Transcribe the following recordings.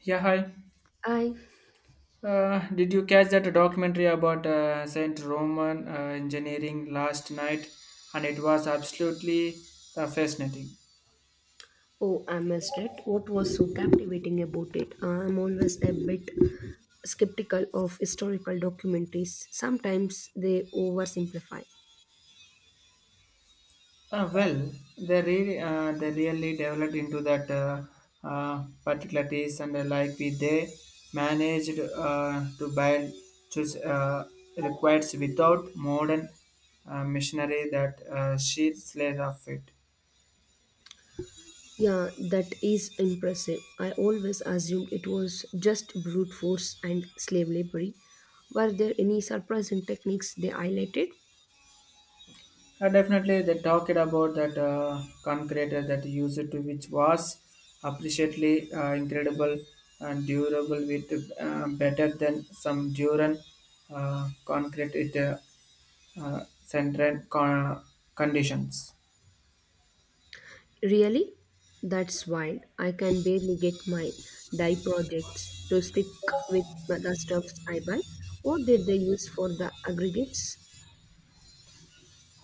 Yeah, hi. I Did you catch that documentary about Saint Roman engineering last night? And it was absolutely fascinating. Oh, I missed it. What was so captivating about it? I'm always a bit skeptical of historical documentaries. Sometimes they oversimplify. Well, they really developed into that particularities and like we they managed to build choose requires without modern machinery that sheer slate of it. Yeah, that is impressive. I always assumed it was just brute force and slave labour. Were there any surprising techniques they highlighted? Definitely, they talked about that concrete that used to which was appreciably incredible and durable with better than some Duran concrete it uh, central con- conditions. Really? That's wild. I can barely get my dye projects to stick with the stuffs I buy. What did they use for the aggregates?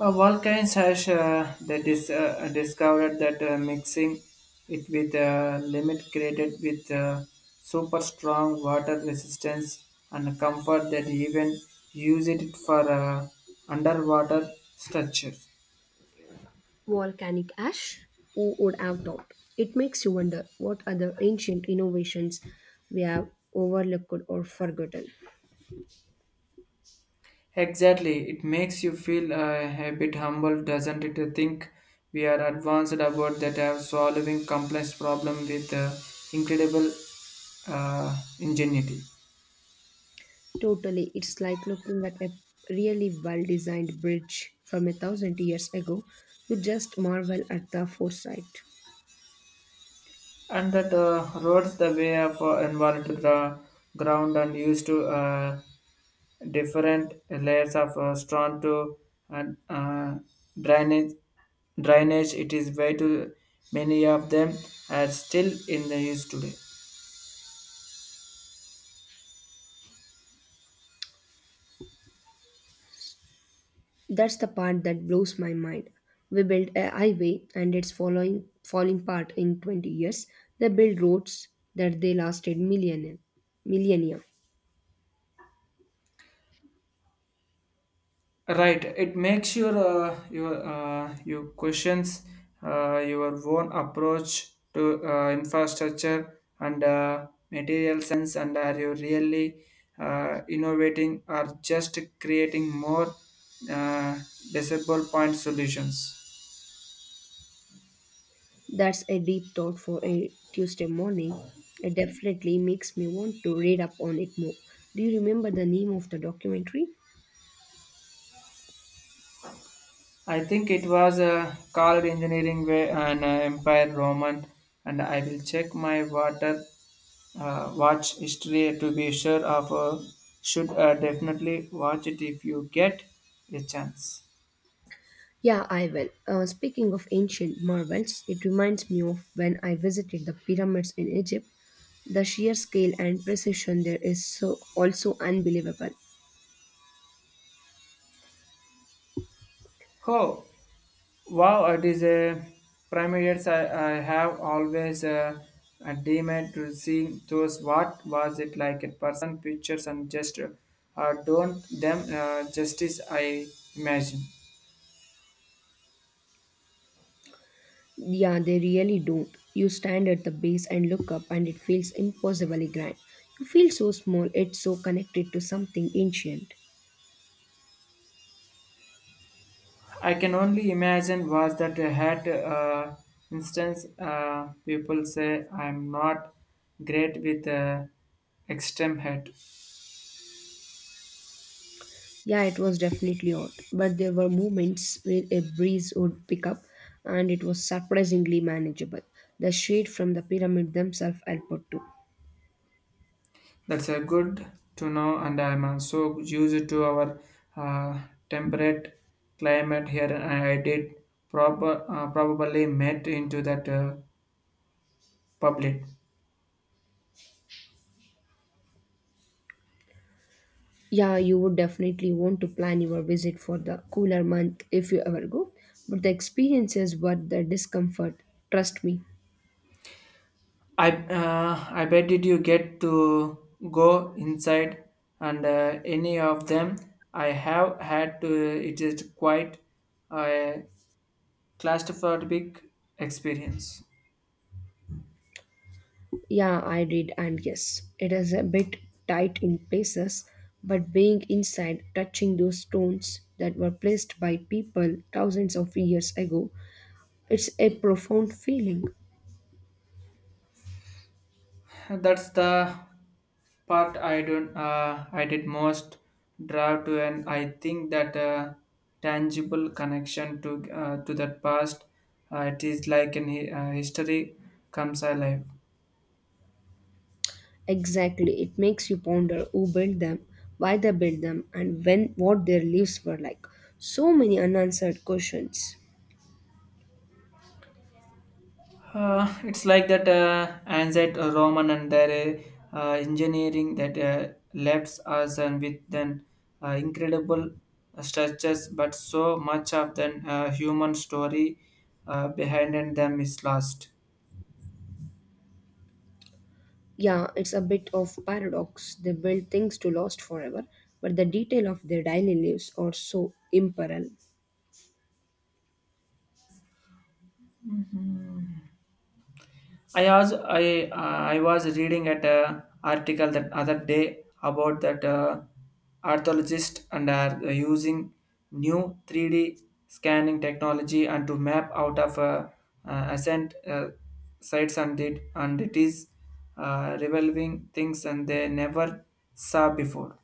Vulcans has they discovered that mixing it with a limit created with super strong water resistance and comfort that even use it for underwater structures. Volcanic ash? Who would have thought? It makes you wonder what other ancient innovations we have overlooked or forgotten. Exactly, it makes you feel a bit humble, doesn't it? To think we are advanced about that have solving complex problem with incredible ingenuity. Totally, it's like looking at a really well designed bridge from a 1,000 years ago. You just marvel at the foresight. And that roads the way of involved to the ground and used to different layers of stone to and drainage drainage it is way too many of them are still in the use today. That's the part that blows my mind. We built a highway and it's following falling apart in 20 years. They built roads that they lasted millennia. Millennia. Right, it makes your you questions your own approach to infrastructure and material sense, and are you really innovating or just creating more uh, disable point solutions? That's a deep thought for a Tuesday morning. It definitely makes me want to read up on it more. Do you remember the name of the documentary? I think it was called Engineering Way and Empire Roman, and I will check my water watch history to be sure of. Should definitely watch it if you get a chance. Yeah, I will. Speaking of ancient marvels, it reminds me of when I visited the pyramids in Egypt. The sheer scale and precision there is so also unbelievable. Oh, wow! It is a primates. I have always a demand to see those. What was it like? A person, pictures, and gesture. Don't them justice. I imagine. Yeah, they really don't. You stand at the base and look up, and it feels impossibly grand. You feel so small, it's so connected to something ancient. I can only imagine was that I had instance people say I'm not great with extreme head. Yeah, it was definitely odd, but there were moments where a breeze would pick up, and it was surprisingly manageable. The shade from the pyramid themselves helped too. That's a good to know, and I'm so used to our uh, temperate climate here. I did proper probably met into that public. Yeah, you would definitely want to plan your visit for the cooler month if you ever go, but the experience is worth the discomfort, trust me. I bet did you get to go inside and any of them I have had to it is quite a claustrophobic experience. Yeah, I did, and yes, it is a bit tight in places, but being inside, touching those stones that were placed by people thousands of years ago, it's a profound feeling. That's the part I don't I did most draw to and I think that tangible connection to that past it is like an history comes alive. Exactly, it makes you ponder who built them, why they built them, and when what their lives were like. So many unanswered questions. It's like that ancient Roman and their engineering that left us and with an incredible structures, but so much of the human story behind them is lost. Yeah, it's a bit of paradox. They build things to last forever, but the detail of their daily lives are so imperiled. I was reading at a article that other day about that archaeologists and are using new 3D scanning technology and to map out of ascent sites and it is revolving things and they never saw before.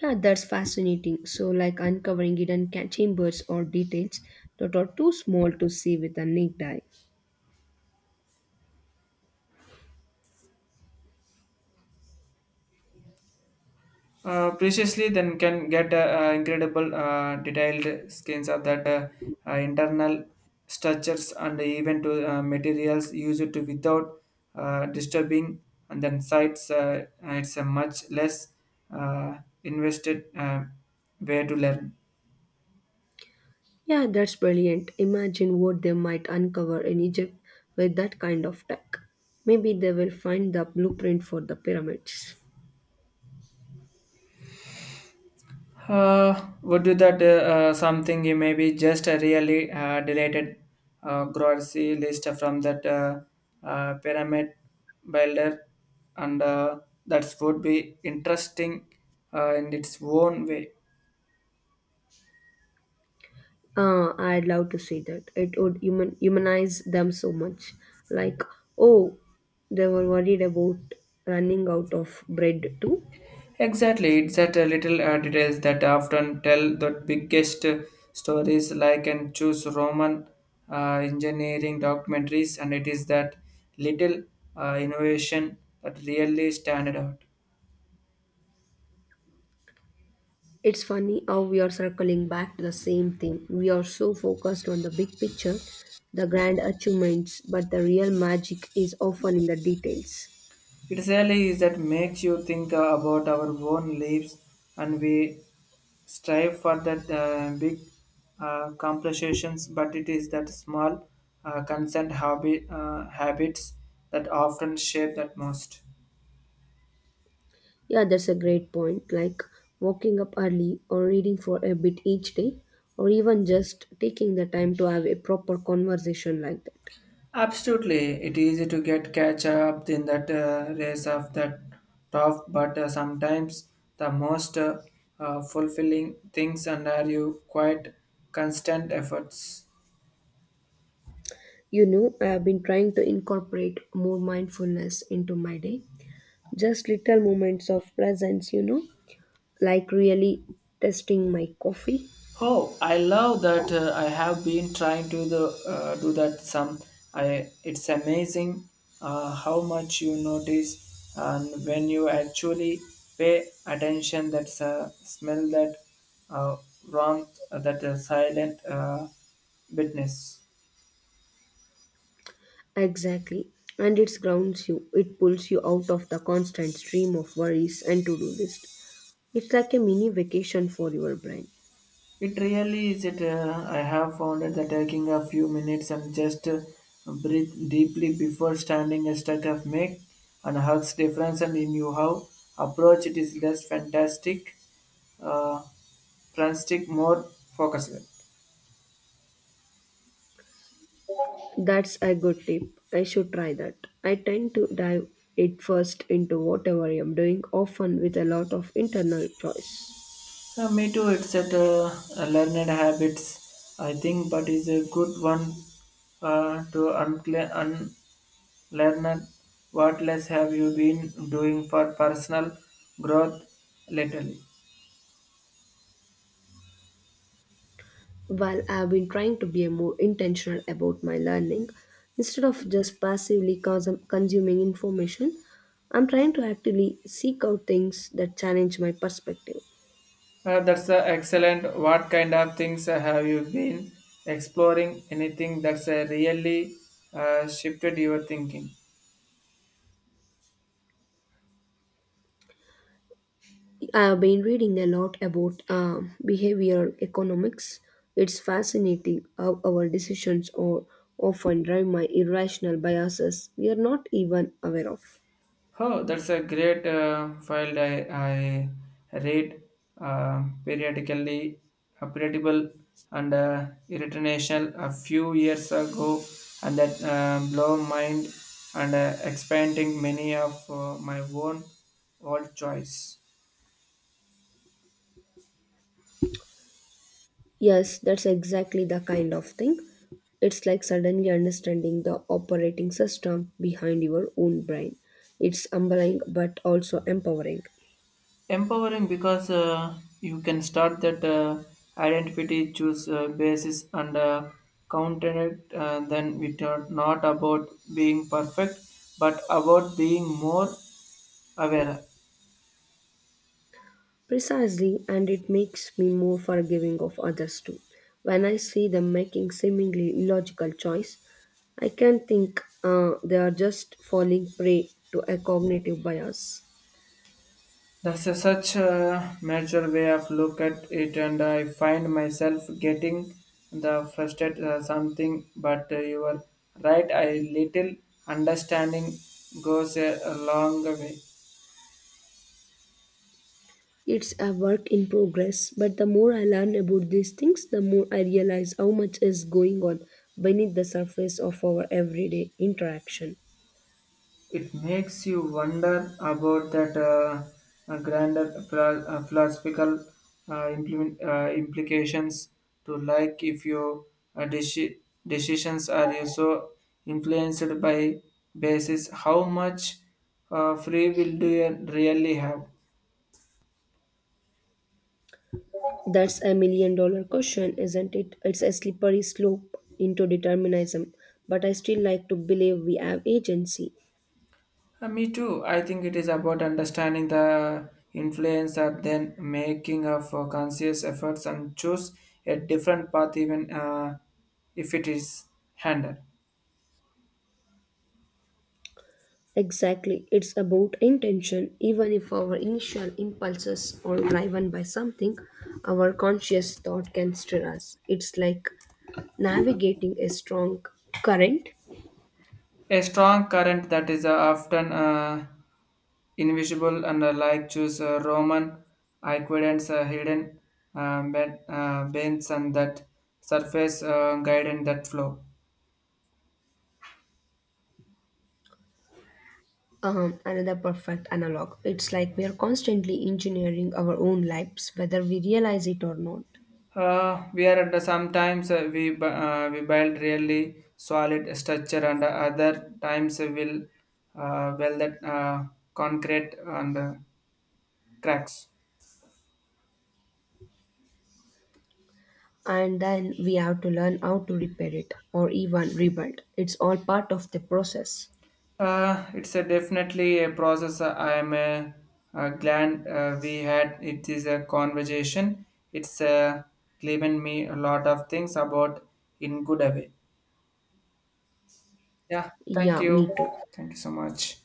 Yeah, that's fascinating. So, like uncovering hidden ca- chambers or details that are too small to see with a naked eye. Preciously, then can get incredible detailed skins of that internal structures and even to materials used to without disturbing and then sites. It's a much less uh, invested way to learn. Yeah, that's brilliant. Imagine what they might uncover in Egypt with that kind of tech. Maybe they will find the blueprint for the pyramids. Would do that something you maybe just a really deleted grocery list from that pyramid builder, and that would be interesting in its own way. I'd love to see that. It would human, humanize them so much. Like, oh, they were worried about running out of bread too. Exactly, it's that little details that often tell the biggest stories, like and choose Roman engineering documentaries, and it is that little innovation that really stand out. It's funny how we are circling back to the same thing. We are so focused on the big picture, the grand achievements, but the real magic is often in the details. It really is that makes you think about our own lives and we strive for that big compensations, but it is that small habits that often shape that most. Yeah, that's a great point. Like waking up early or reading for a bit each day, or even just taking the time to have a proper conversation like that. Absolutely, it is easy to get catch up in that race of that top, but sometimes the most fulfilling things and are you quite constant efforts. You know, I have been trying to incorporate more mindfulness into my day. Just little moments of presence, you know, like really tasting my coffee. Oh, I love that. I have been trying to do that some. I It's amazing how much you notice, and when you actually pay attention, that smell, that uh, warmth, that silent witness. Exactly. And it grounds you. It pulls you out of the constant stream of worries and to do list. It's like a mini vacation for your brain. It really is it. I have found it that taking a few minutes and just breathe deeply before standing a stuck of make and hugs difference and in you how approach it is uh, frantic, more focused. That's a good tip. I should try that. I tend to dive it first into whatever I am doing, often with a lot of internal choice. Me too. It's at learned habits, I think, but is a good one to unlearn what less have you been doing for personal growth lately. While I have been trying to be more intentional about my learning, instead of just passively consuming information, I'm trying to actively seek out things that challenge my perspective. That's excellent. What kind of things have you been exploring? Anything that's really shifted your thinking? I've been reading a lot about behavioral economics. It's fascinating how our decisions are often driven by irrational biases we are not even aware of. Oh, that's a great file. I read uh, periodically, periodical and irritational a few years ago, and that blow mind and expanding many of my own old choice. Yes, that's exactly the kind of thing. It's like suddenly understanding the operating system behind your own brain. It's humbling but also empowering. Empowering because you can start that identity choose basis and counter it then it are not about being perfect but about being more aware. Precisely, and it makes me more forgiving of others too. When I see them making seemingly illogical choice, I can think they are just falling prey to a cognitive bias. That's a such a major way of look at it and I find myself getting the frustrated something but you are right a little understanding goes a long way. It's a work in progress, but the more I learn about these things, the more I realize how much is going on beneath the surface of our everyday interaction. It makes you wonder about that grander philosophical implications to like if your uh, deci- decisions are you so influenced by basis how much free will do you really have. That's a million dollar question, isn't it? It's a slippery slope into determinism, but I still like to believe we have agency. Me too. I think it is about understanding the influence and then making of conscious efforts and choose a different path even if it is handled. Exactly, it's about intention. Even if our initial impulses are driven by something, our conscious thought can steer us. It's like navigating a strong current. A strong current that is often invisible and like choose Roman aqueducts, hidden bends and that surface guidance that flow. Another perfect analog. It's like we are constantly engineering our own lives, whether we realize it or not. We are at the sometimes we build really solid structure and other times we will well that concrete and cracks. And then we have to learn how to repair it or even rebuild. It's all part of the process. It's a definitely a process. I am glad we had it is a conversation. It's Given me a lot of things about in good way. Yeah, thank Yeah, me you. too. Thank you so much.